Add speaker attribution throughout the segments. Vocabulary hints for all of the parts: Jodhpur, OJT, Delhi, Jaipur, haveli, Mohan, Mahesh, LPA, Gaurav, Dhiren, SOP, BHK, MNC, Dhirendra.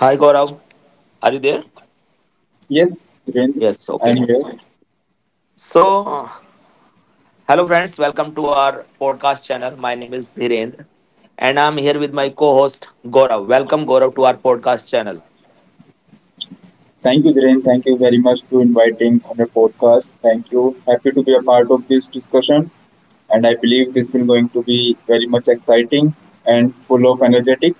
Speaker 1: Hi Gaurav, are you there?
Speaker 2: Yes, Dhiren,
Speaker 1: Yes,
Speaker 2: I'm
Speaker 1: okay.
Speaker 2: here.
Speaker 1: So, hello friends, welcome to our podcast channel. My name is Dhirendra and I'm here with my co host Gaurav. Welcome Gaurav to our podcast channel.
Speaker 2: Thank you, Dhiren. Thank you very much to inviting on the podcast. Thank you. Happy to be a part of this discussion. And I believe this will going to be very much exciting and full of energetic.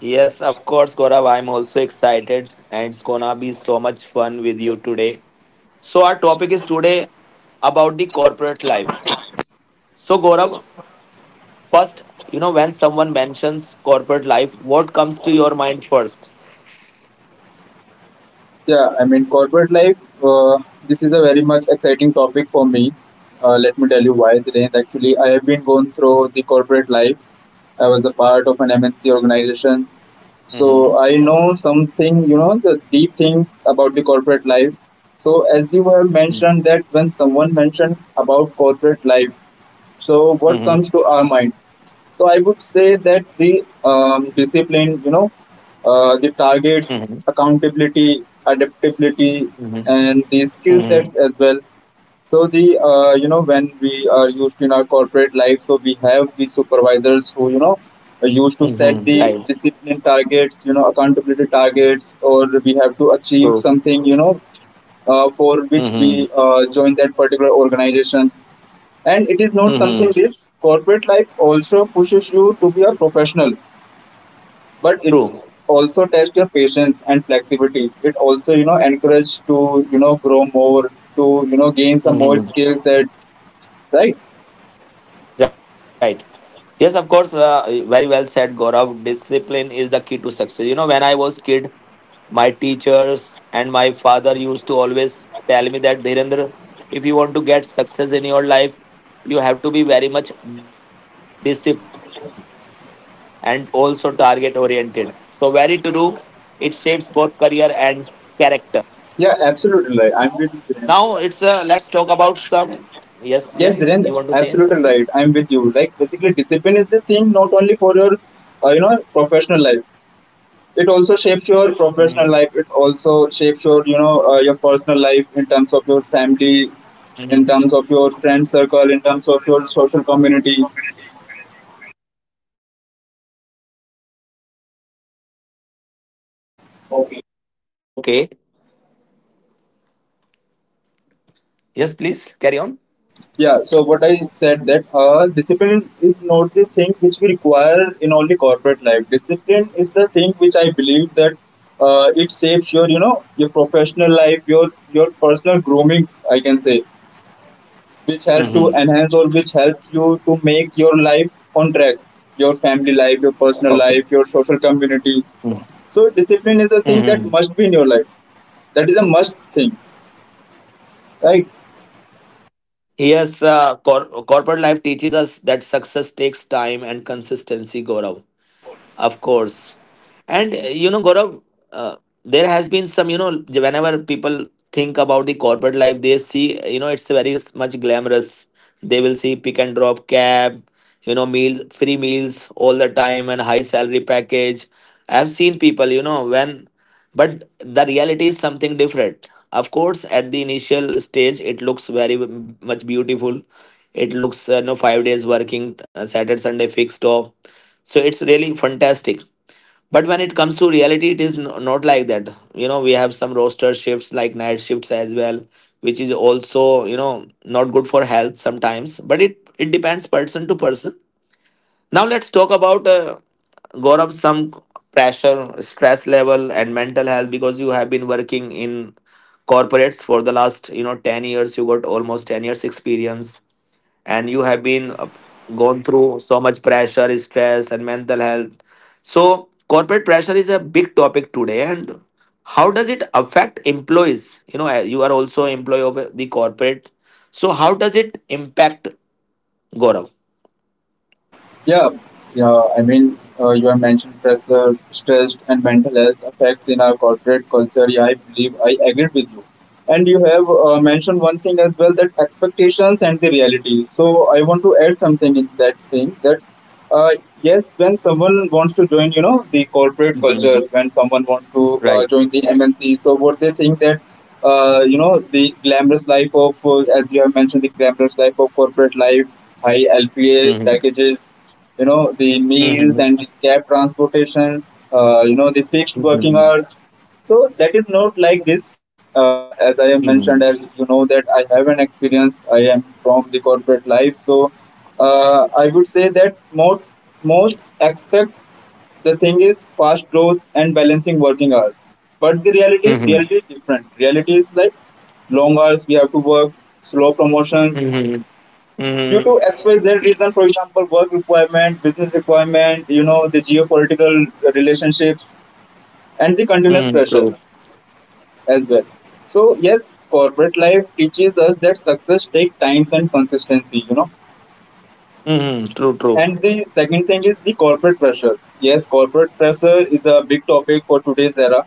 Speaker 1: Yes, of course, Gaurav, I'm also excited and it's gonna be so much fun with you today. So, our topic is today about the corporate life. So, Gaurav, first, you know, when someone mentions corporate life, what comes to your mind 1st?
Speaker 2: Corporate life, uh, this is a very much exciting topic for me. Let me tell you why, Dhiren. Actually, I have been going through the corporate life. I was a part of an MNC organization. So
Speaker 1: Mm-hmm.
Speaker 2: I know something, you know, the deep things about the corporate life. So as you have mentioned that when someone mentioned about corporate life, so
Speaker 1: Mm-hmm.
Speaker 2: what comes to our mind? So I would say that the discipline, you know, the target, accountability, adaptability,
Speaker 1: Mm-hmm.
Speaker 2: and the
Speaker 1: Mm-hmm.
Speaker 2: skill sets as well. So the you know when we are used in our corporate life, so we have the supervisors who you know are used to
Speaker 1: Mm-hmm.
Speaker 2: set the
Speaker 1: Right.
Speaker 2: discipline targets, you know accountability targets, or we have to
Speaker 1: True.
Speaker 2: achieve something, you know, for which
Speaker 1: Mm-hmm.
Speaker 2: we join that particular organization. And it is not
Speaker 1: Mm-hmm.
Speaker 2: something big. Corporate life also pushes you to be a professional, but it
Speaker 1: True.
Speaker 2: also tests your patience and flexibility. It also, you know, encourages to, you know, grow more, to, you know, gain some more
Speaker 1: Mm-hmm.
Speaker 2: skill set, right?
Speaker 1: Right. Yes, of course. Very well said, Gaurav. Discipline is the key to success. You know, when I was kid, my teachers and my father used to always tell me that Dhirendra, if you want to get success in your life, you have to be very much disciplined and also target oriented. So very true. It shapes both career and character.
Speaker 2: Yeah, absolutely
Speaker 1: Now
Speaker 2: right.
Speaker 1: it's
Speaker 2: I'm with
Speaker 1: a
Speaker 2: you,
Speaker 1: let's
Speaker 2: Dhiren.
Speaker 1: talk about some. Yes, yes. You want to say
Speaker 2: Yes,
Speaker 1: something?
Speaker 2: Dhiren, absolutely right. I'm with you. Like basically, discipline is the thing not only for your, you know, professional life. It also shapes
Speaker 1: Mm-hmm.
Speaker 2: your professional life. It also shapes your you know your personal life, in terms of your family,
Speaker 1: Mm-hmm.
Speaker 2: in terms of your friend circle, in terms of your social community.
Speaker 1: Okay. Yes, please carry on.
Speaker 2: Yeah so what I said that discipline is not the thing which we require in only corporate life. Discipline is the thing which I believe that it shapes your you know your professional life, your personal groomings, I can say, which help to
Speaker 1: Mm-hmm.
Speaker 2: enhance, or which helps you to make your life on track, your family life, your personal
Speaker 1: Okay.
Speaker 2: life, your social community. So discipline is a thing that
Speaker 1: Mm-hmm.
Speaker 2: must be in your life. That is a must thing, right?
Speaker 1: Yes, corporate life teaches us that success takes time and consistency, Gaurav. Of course. And you know, Gaurav, uh, there has been some, you know, whenever people think about the corporate life, they see, you know, it's very much glamorous. They will see pick and drop cab, you know, meals, free meals all the time and high salary package. I've seen people, you know, when, but the reality is something different. Of course, at the initial stage, it looks very much beautiful. It looks, you know, five days working, Saturday, Sunday fixed off, so it's really fantastic. But when it comes to reality, it is not like that. You know, we have some roster shifts like night shifts as well, which is also, you know, not good for health sometimes. But it depends person to person. Now let's talk about Gaurav, some pressure, stress level, and mental health because you have been working in corporates for the last, you know, 10 years. You got almost 10 years experience and you have been gone through so much pressure, stress, and mental health. So, corporate pressure is a big topic today, and how does it affect employees? You know, you are also employee of the corporate. So, how does it impact Gaurav?
Speaker 2: Yeah, yeah. I mean, you have mentioned pressure, stress, and mental health effects in our corporate culture. Yeah, I believe I agree with you. And you have mentioned one thing as well, that expectations and the reality. So I want to add something in that thing, that uh, yes, when someone wants to join, you know, the corporate culture,
Speaker 1: Mhm.
Speaker 2: when someone wants to
Speaker 1: Right.
Speaker 2: join the MNC, so what they think that you know the glamorous life of, as you have mentioned, the glamorous life of corporate life, high LPA
Speaker 1: Mhm.
Speaker 2: packages, you know, the
Speaker 1: Mhm.
Speaker 2: meals and the cab transportations, you know the fixed
Speaker 1: Mhm.
Speaker 2: working hours. So that is not like this. As I have
Speaker 1: Mhm.
Speaker 2: mentioned, as you know that I have an experience, I am from the corporate life. So I would say that most most expect the thing is fast growth and balancing working hours, but the
Speaker 1: Mhm.
Speaker 2: reality is different. Reality is like long hours we have to work, slow promotions
Speaker 1: Mhm.
Speaker 2: due
Speaker 1: Mhm.
Speaker 2: to XYZ reason, for example, work requirement, business requirement, you know, the geopolitical relationships, and the continuous
Speaker 1: Mhm.
Speaker 2: pressure
Speaker 1: True.
Speaker 2: as well. So, yes, corporate life teaches us that success takes times and consistency, you know.
Speaker 1: Mhm. True. True.
Speaker 2: And the second thing is the corporate pressure. Yes, corporate pressure is a big topic for today's era.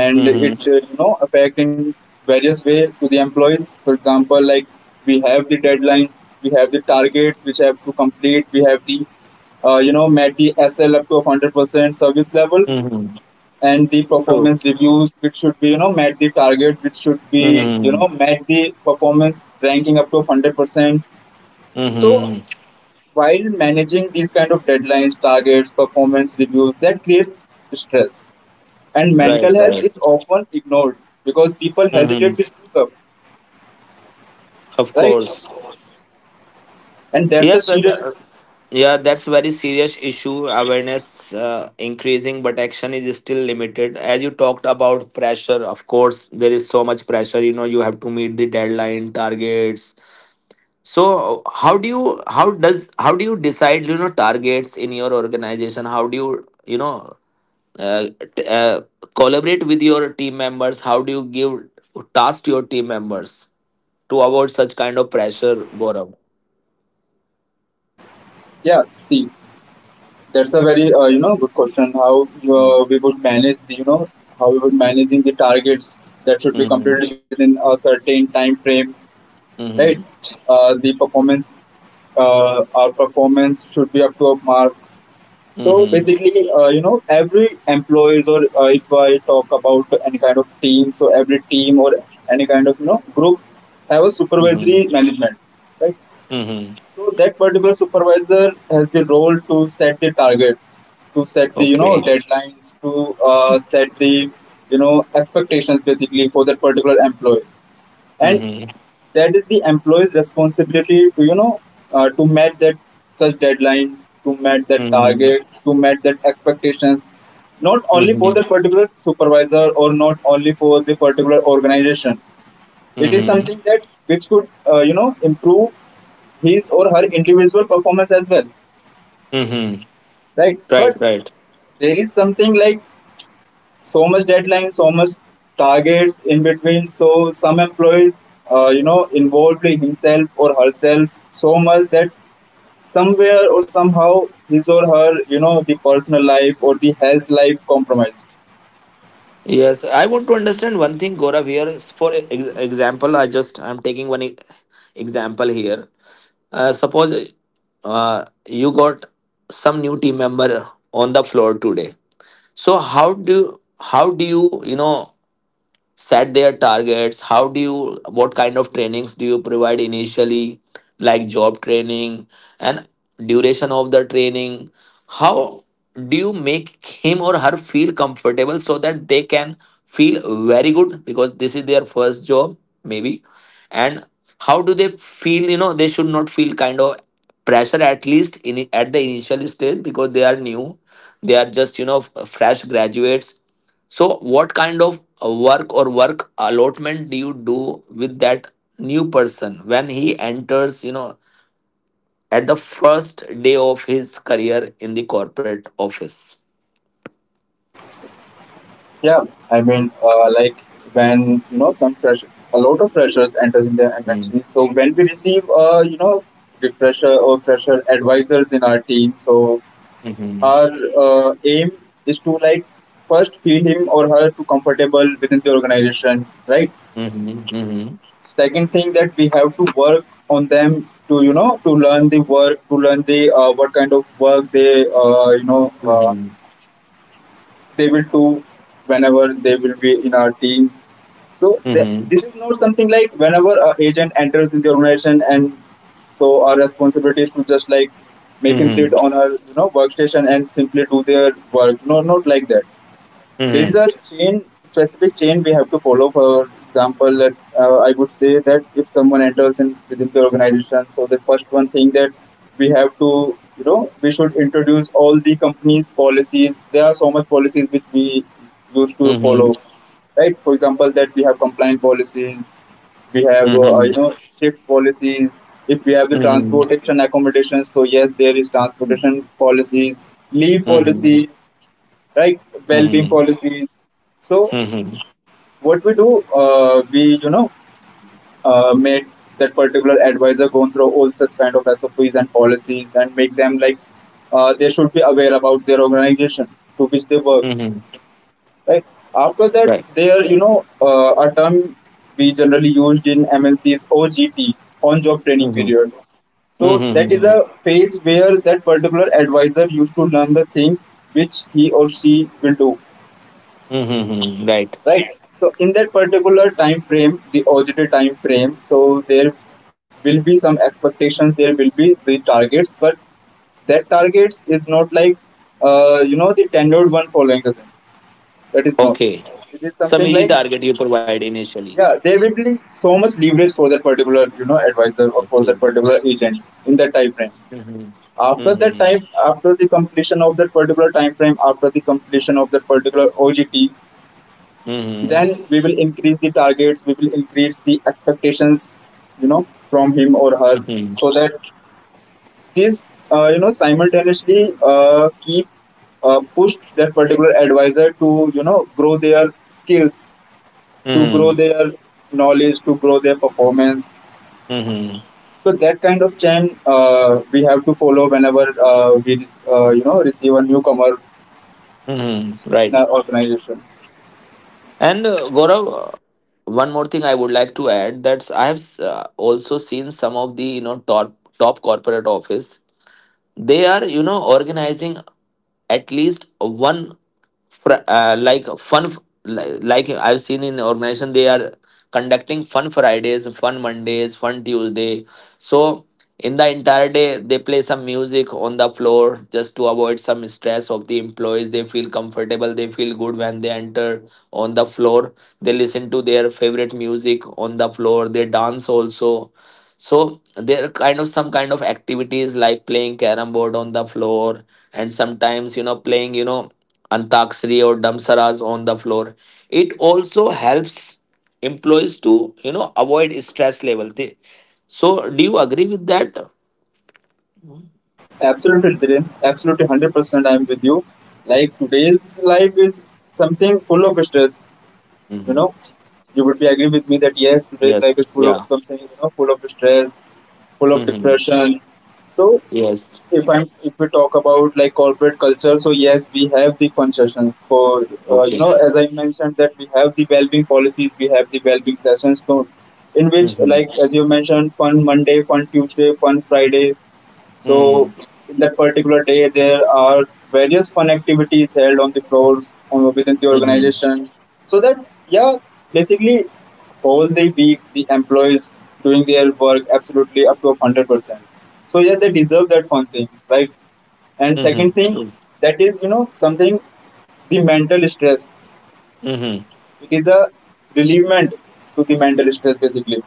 Speaker 2: And
Speaker 1: Mhm.
Speaker 2: it you know affect in various way to the employees, for example like we have the deadlines, we have the targets which have to complete, we have the you know met the sl up to 100% service level,
Speaker 1: Mhm.
Speaker 2: and the
Speaker 1: True.
Speaker 2: performance reviews which should be you know met the target, which should be you
Speaker 1: Mhm.
Speaker 2: know met the performance ranking up to 100%. So
Speaker 1: Mhm.
Speaker 2: while managing these kind of deadlines, targets, performance reviews, that creates stress, and
Speaker 1: Right.
Speaker 2: mental health
Speaker 1: Right.
Speaker 2: is often ignored because people
Speaker 1: Hmm.
Speaker 2: hesitate to speak up,
Speaker 1: Of
Speaker 2: right?
Speaker 1: course.
Speaker 2: And that's a
Speaker 1: Yes, sir.
Speaker 2: serious.
Speaker 1: Yeah, that's very serious issue. Awareness increasing, but action is still limited. As you talked about pressure, of course, there is so much pressure. You know, you have to meet the deadline, targets. So, how do you decide, you know, targets in your organization? How do you uh, t- uh, collaborate with your team members? How do you give tasks to your team members to avoid such kind of pressure, Gaurav?
Speaker 2: Yeah, see, that's a very you know good question how
Speaker 1: Hmm.
Speaker 2: we would manage the you know how we would managing the targets that should be
Speaker 1: Mhm.
Speaker 2: completed within a certain time frame, right?
Speaker 1: Mhm.
Speaker 2: The performance our performance should be up to a mark. So
Speaker 1: Mhm.
Speaker 2: basically, you know, every employees, or if I talk about any kind of team, so every team, or any kind of you know group have a
Speaker 1: Mhm.
Speaker 2: supervisory management, right?
Speaker 1: Mhm.
Speaker 2: So that particular supervisor has the role to set the targets, to set the you know
Speaker 1: Okay.
Speaker 2: deadlines, to set the you know expectations basically for that particular employee. And
Speaker 1: Mhm.
Speaker 2: that is the employee's responsibility to you know to meet that such deadlines, to meet that
Speaker 1: Mhm.
Speaker 2: target, to meet that expectations, not only for
Speaker 1: Mhm.
Speaker 2: the particular supervisor or not only for the particular organization. It is
Speaker 1: Mhm.
Speaker 2: something that which could you know improve his or her individual performance as well,
Speaker 1: Mhm.
Speaker 2: right?
Speaker 1: Right.
Speaker 2: But
Speaker 1: Right.
Speaker 2: there is something like so much deadline, so much targets in between. So some employees, you know, involved himself or herself so much that somewhere or somehow his or her, you know, the personal life or the health life compromised.
Speaker 1: Yes, I want to understand one thing, Gaurav. Here, for example, I'm taking one example here. Suppose you got some new team member on the floor today. So how do you you know set their targets, how do you, what kind of trainings do you provide initially, like job training and duration of the training, how do you make him or her feel comfortable so that they can feel very good because this is their first job maybe, and how do they feel, you know, they should not feel kind of pressure at least in at the initial stage because they are new, they are just, you know, fresh graduates? So, what kind of work or work allotment do you do with that new person when he enters, you know, at the first day of his career in the corporate office?
Speaker 2: Yeah, I mean, like when you know some fresh, a lot of freshers enter in the
Speaker 1: Mm,
Speaker 2: MNC. So when we receive, you know, the fresher or fresher advisors in our team, so
Speaker 1: mhm,
Speaker 2: our aim is to like first feel him or her to comfortable within the organization, right?
Speaker 1: mhm, mhm,
Speaker 2: Second thing, that we have to work on them to you know to learn the work, to learn the what kind of work they
Speaker 1: mhm, mhm, mhm,
Speaker 2: they will do whenever they will be in our team. So this is not something like whenever a agent enters in the organization and so our responsibility is to just like make him sit
Speaker 1: mhm,
Speaker 2: on our you know workstation and simply do their work. No, not like that. There is
Speaker 1: mhm,
Speaker 2: a chain specific chain we have to follow, for example that I would say that if someone enters in within the organization, so the first one thing that we have to you know we should introduce all the company's policies. There are so much policies which we used to
Speaker 1: mhm,
Speaker 2: follow,
Speaker 1: mhm,
Speaker 2: right? For example, that we have compliance policies, we have you
Speaker 1: mhm,
Speaker 2: know shift policies. If we have the transportation accommodations, so yes, there is transportation policies, leave policy, like well-being
Speaker 1: mhm,
Speaker 2: policies. So
Speaker 1: mhm,
Speaker 2: what we do, we you know make that particular advisor go through all such kind of SOPs and policies, and make them like they should be aware about their organization to which they work.
Speaker 1: mhm.
Speaker 2: Right after that,
Speaker 1: Right.
Speaker 2: there you know a term we generally used in MNCs, OGT, on-job training
Speaker 1: Mhm,
Speaker 2: period. So
Speaker 1: mhm,
Speaker 2: that is
Speaker 1: mhm, mhm,
Speaker 2: a phase where that particular advisor used to learn the thing which he or she will do.
Speaker 1: mhm, mhm. Right.
Speaker 2: Right, so in that particular time frame, the OJT time frame, so there will be some expectations, there will be the targets, but that targets is not like you know the tenured one following the same. That is not,
Speaker 1: Okay.
Speaker 2: it is
Speaker 1: Some
Speaker 2: something
Speaker 1: easy
Speaker 2: like,
Speaker 1: target you provide initially.
Speaker 2: yeah, there will be so much leverage for that particular you know advisor, or for
Speaker 1: Okay.
Speaker 2: that particular agent in that time frame.
Speaker 1: Mhm.
Speaker 2: After that
Speaker 1: Mhm.
Speaker 2: time, after the completion of that particular time frame, after the completion of that particular OJT,
Speaker 1: Mhm.
Speaker 2: then we will increase the targets, we will increase the expectations, you know, from him or her,
Speaker 1: Mhm.
Speaker 2: so that this you know simultaneously keep push that particular advisor to you know grow their skills, to grow
Speaker 1: Mhm.
Speaker 2: their knowledge, to grow their performance.
Speaker 1: Mhm.
Speaker 2: So that kind of chain we have to follow whenever we you know receive a newcomer
Speaker 1: Mhm.
Speaker 2: in
Speaker 1: Right.
Speaker 2: our organization.
Speaker 1: And Gaurav, one more thing I would like to add that I have also seen some of the, you know, top corporate office. They are, you know, organizing at least one fr- uh, like fun f- like I've seen in the organization, they are conducting fun fridays, fun mondays, fun tuesday, so in the entire day they play some music on the floor just to avoid some stress of the employees, they feel comfortable, they feel good when they enter on the floor, they listen to their favorite music on the floor, they dance also. So there are kind of some kind of activities like playing carom board on the floor, and sometimes, you know, playing, you know, antakshari or damsaras on the floor. It also helps employees to, you know, avoid stress level. They- So do you agree with that?
Speaker 2: Absolutely, Dhiren. Absolutely, 100%. I'm with you. Like today's life is something full of stress. You
Speaker 1: Hmm.
Speaker 2: know, you would be agree with me that yes, today's life is
Speaker 1: Yes.
Speaker 2: full of
Speaker 1: Yeah.
Speaker 2: something. You know, full of stress, full of
Speaker 1: Hmm.
Speaker 2: depression. So,
Speaker 1: Yes.
Speaker 2: if we talk about like corporate culture, so yes, we have the fun sessions for you
Speaker 1: Okay.
Speaker 2: know, as I mentioned that we have the well-being policies, we have the well-being sessions. So, in
Speaker 1: Hmm.
Speaker 2: which
Speaker 1: Hmm.
Speaker 2: like as you mentioned, fun Monday, fun Tuesday, fun Friday, so in that particular day, there are various fun activities held on the floors on, within the
Speaker 1: Hmm.
Speaker 2: organization. So that, yeah, basically all the week the employees doing their work absolutely up to 100%. So yes, they deserve that one thing, right? And second thing,
Speaker 1: Hmm.
Speaker 2: that is you know something the mental stress.
Speaker 1: Hmm.
Speaker 2: It is a relievement to the mental stress basically,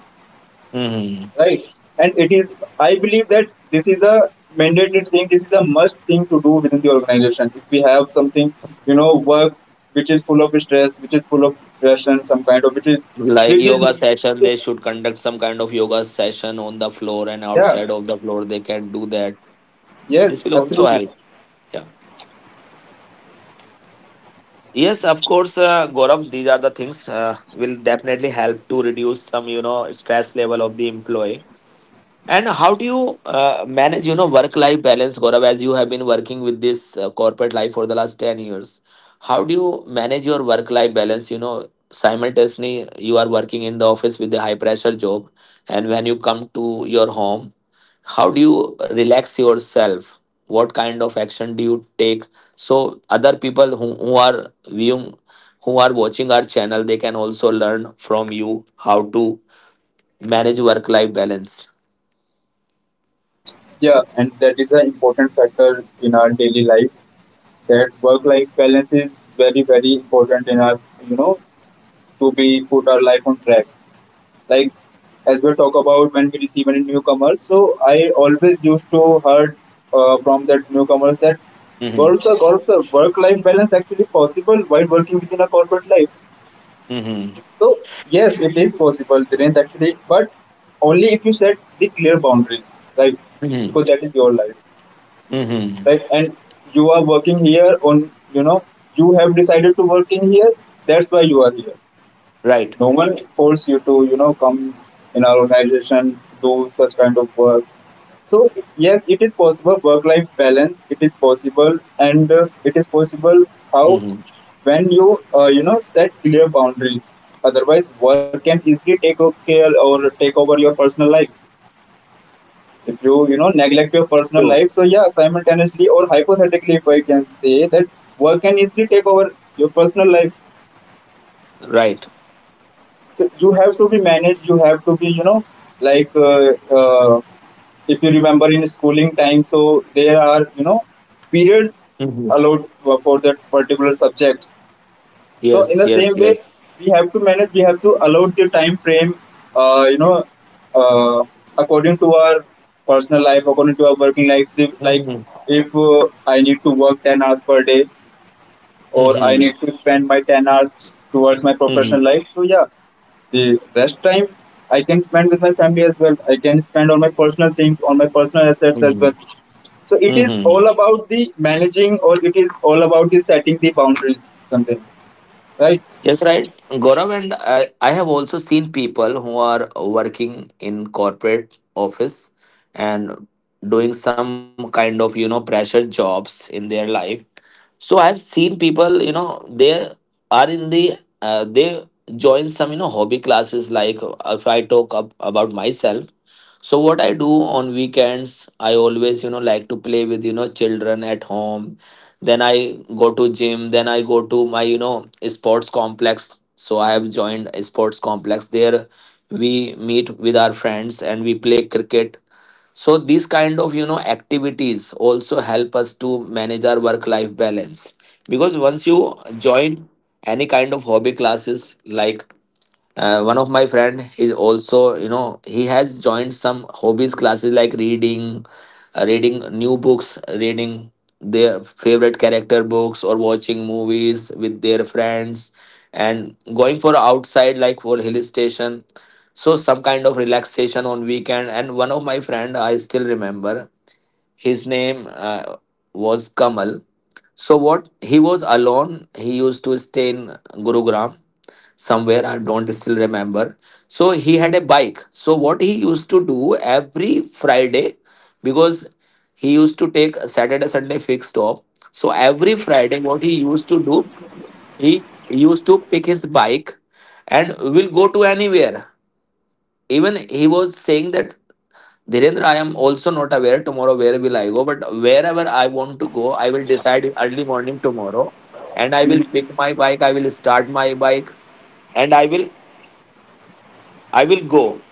Speaker 1: Hmm.
Speaker 2: right? And it is, I believe that this is a mandated thing, this is a must thing to do within the organization, if we have something, you know, work which is full of stress, which is full of depression, some kind of
Speaker 1: Like
Speaker 2: which is
Speaker 1: yoga
Speaker 2: needed
Speaker 1: session,
Speaker 2: to,
Speaker 1: they should conduct some kind of yoga session on the floor and
Speaker 2: yeah,
Speaker 1: outside of the floor, they can do that.
Speaker 2: yes,
Speaker 1: This will also
Speaker 2: absolutely.
Speaker 1: help. Yeah. Yes, of course, Gaurav, these are the things will definitely help to reduce some, you know, stress level of the employee. And how do you manage, you know, work-life balance, Gaurav, as you have been working with this corporate life for the last 10 years? How do you manage your work-life balance? You know, simultaneously, you are working in the office with a high-pressure job, and when you come to your home, how do you relax yourself? What kind of action do you take? So other people who, who are watching our channel, they can also learn from you how to manage work-life balance.
Speaker 2: Yeah, and that is an important factor in our daily life, that work life balance is very very important in our you know to be put our life on track. Like, as we talk about when we receive any newcomers. So I always used to heard from that newcomers that
Speaker 1: Mhm.
Speaker 2: golf's a golf's a work life balance actually possible while working within a corporate life.
Speaker 1: Mm-hmm.
Speaker 2: So yes, it is possible, Dhiren, actually, but only if you set the clear boundaries, right?
Speaker 1: Mm-hmm.
Speaker 2: Because that is your life,
Speaker 1: Mm-hmm.
Speaker 2: right? And you are working here on, you know, you have decided to work in here. That's why you are here.
Speaker 1: Right.
Speaker 2: No one force you to, you know, come in our organization, do such kind of work. So yes, it is possible, work-life balance. It is possible, and it is possible how,
Speaker 1: Mm-hmm.
Speaker 2: when you, you know, set clear boundaries. Otherwise, work can easily take o- care or take over your personal life. If you, you know, neglect your
Speaker 1: True.
Speaker 2: personal life, so yeah, simultaneously or hypothetically, if I can say that work can easily take over your personal life.
Speaker 1: Right.
Speaker 2: So you have to be managed. You have to be, you know, like uh, uh, if you remember in schooling time, so there are, you know, periods
Speaker 1: Mm-hmm.
Speaker 2: allowed for that particular subjects. So
Speaker 1: Yes,
Speaker 2: in the
Speaker 1: yes,
Speaker 2: same
Speaker 1: yes.
Speaker 2: way, we have to manage. We have to allow the time frame, uh, you know, uh, according to our personal life, according to our working life. If, like
Speaker 1: Mm-hmm.
Speaker 2: if uh, I need to work 10 hours per day, or I
Speaker 1: Mm-hmm.
Speaker 2: need to spend my 10 hours towards my
Speaker 1: Mm-hmm.
Speaker 2: professional life. So, yeah, the rest time I can spend with my family as well. I can spend on my personal things, on my personal assets as
Speaker 1: Mm-hmm.
Speaker 2: well. So, it is
Speaker 1: Mm-hmm.
Speaker 2: all about the managing, or it is all about the setting the boundaries, something, right?
Speaker 1: Yes, right. Gaurav, and I have also seen people who are working in corporate office and doing some kind of, you know, pressure jobs in their life. So I've seen people, you know, they are in they join some, you know, hobby classes. Like if I talk up about myself, so what I do on weekends, I always, you know, like to play with, you know, children at home. Then I go to gym, then I go to my, you know, sports complex. So I have joined a sports complex. There we meet with our friends and we play cricket. So these kind of, you know, activities also help us to manage our work life balance. Because once you join any kind of hobby classes, like one of my friend is also, you know, he has joined some hobbies classes like reading, reading new books, reading their favorite character books, or watching movies with their friends, and going for outside like for hill station. So some kind of relaxation on weekend. And one of my friend, I still remember, his name was Kamal. So what he was, alone he used to stay in Gurugram somewhere, I don't still remember. So he had a bike. So what he used to do every Friday, because he used to take a Saturday Sunday fixed off, so every Friday what he used to do, he used to pick his bike and will go to anywhere. Even he was saying that Dhirendra, I am also not aware tomorrow where will I go, but wherever I want to go, I will decide early morning tomorrow, and I will
Speaker 2: Mhm.
Speaker 1: pick my bike. I will start my bike, and I will go.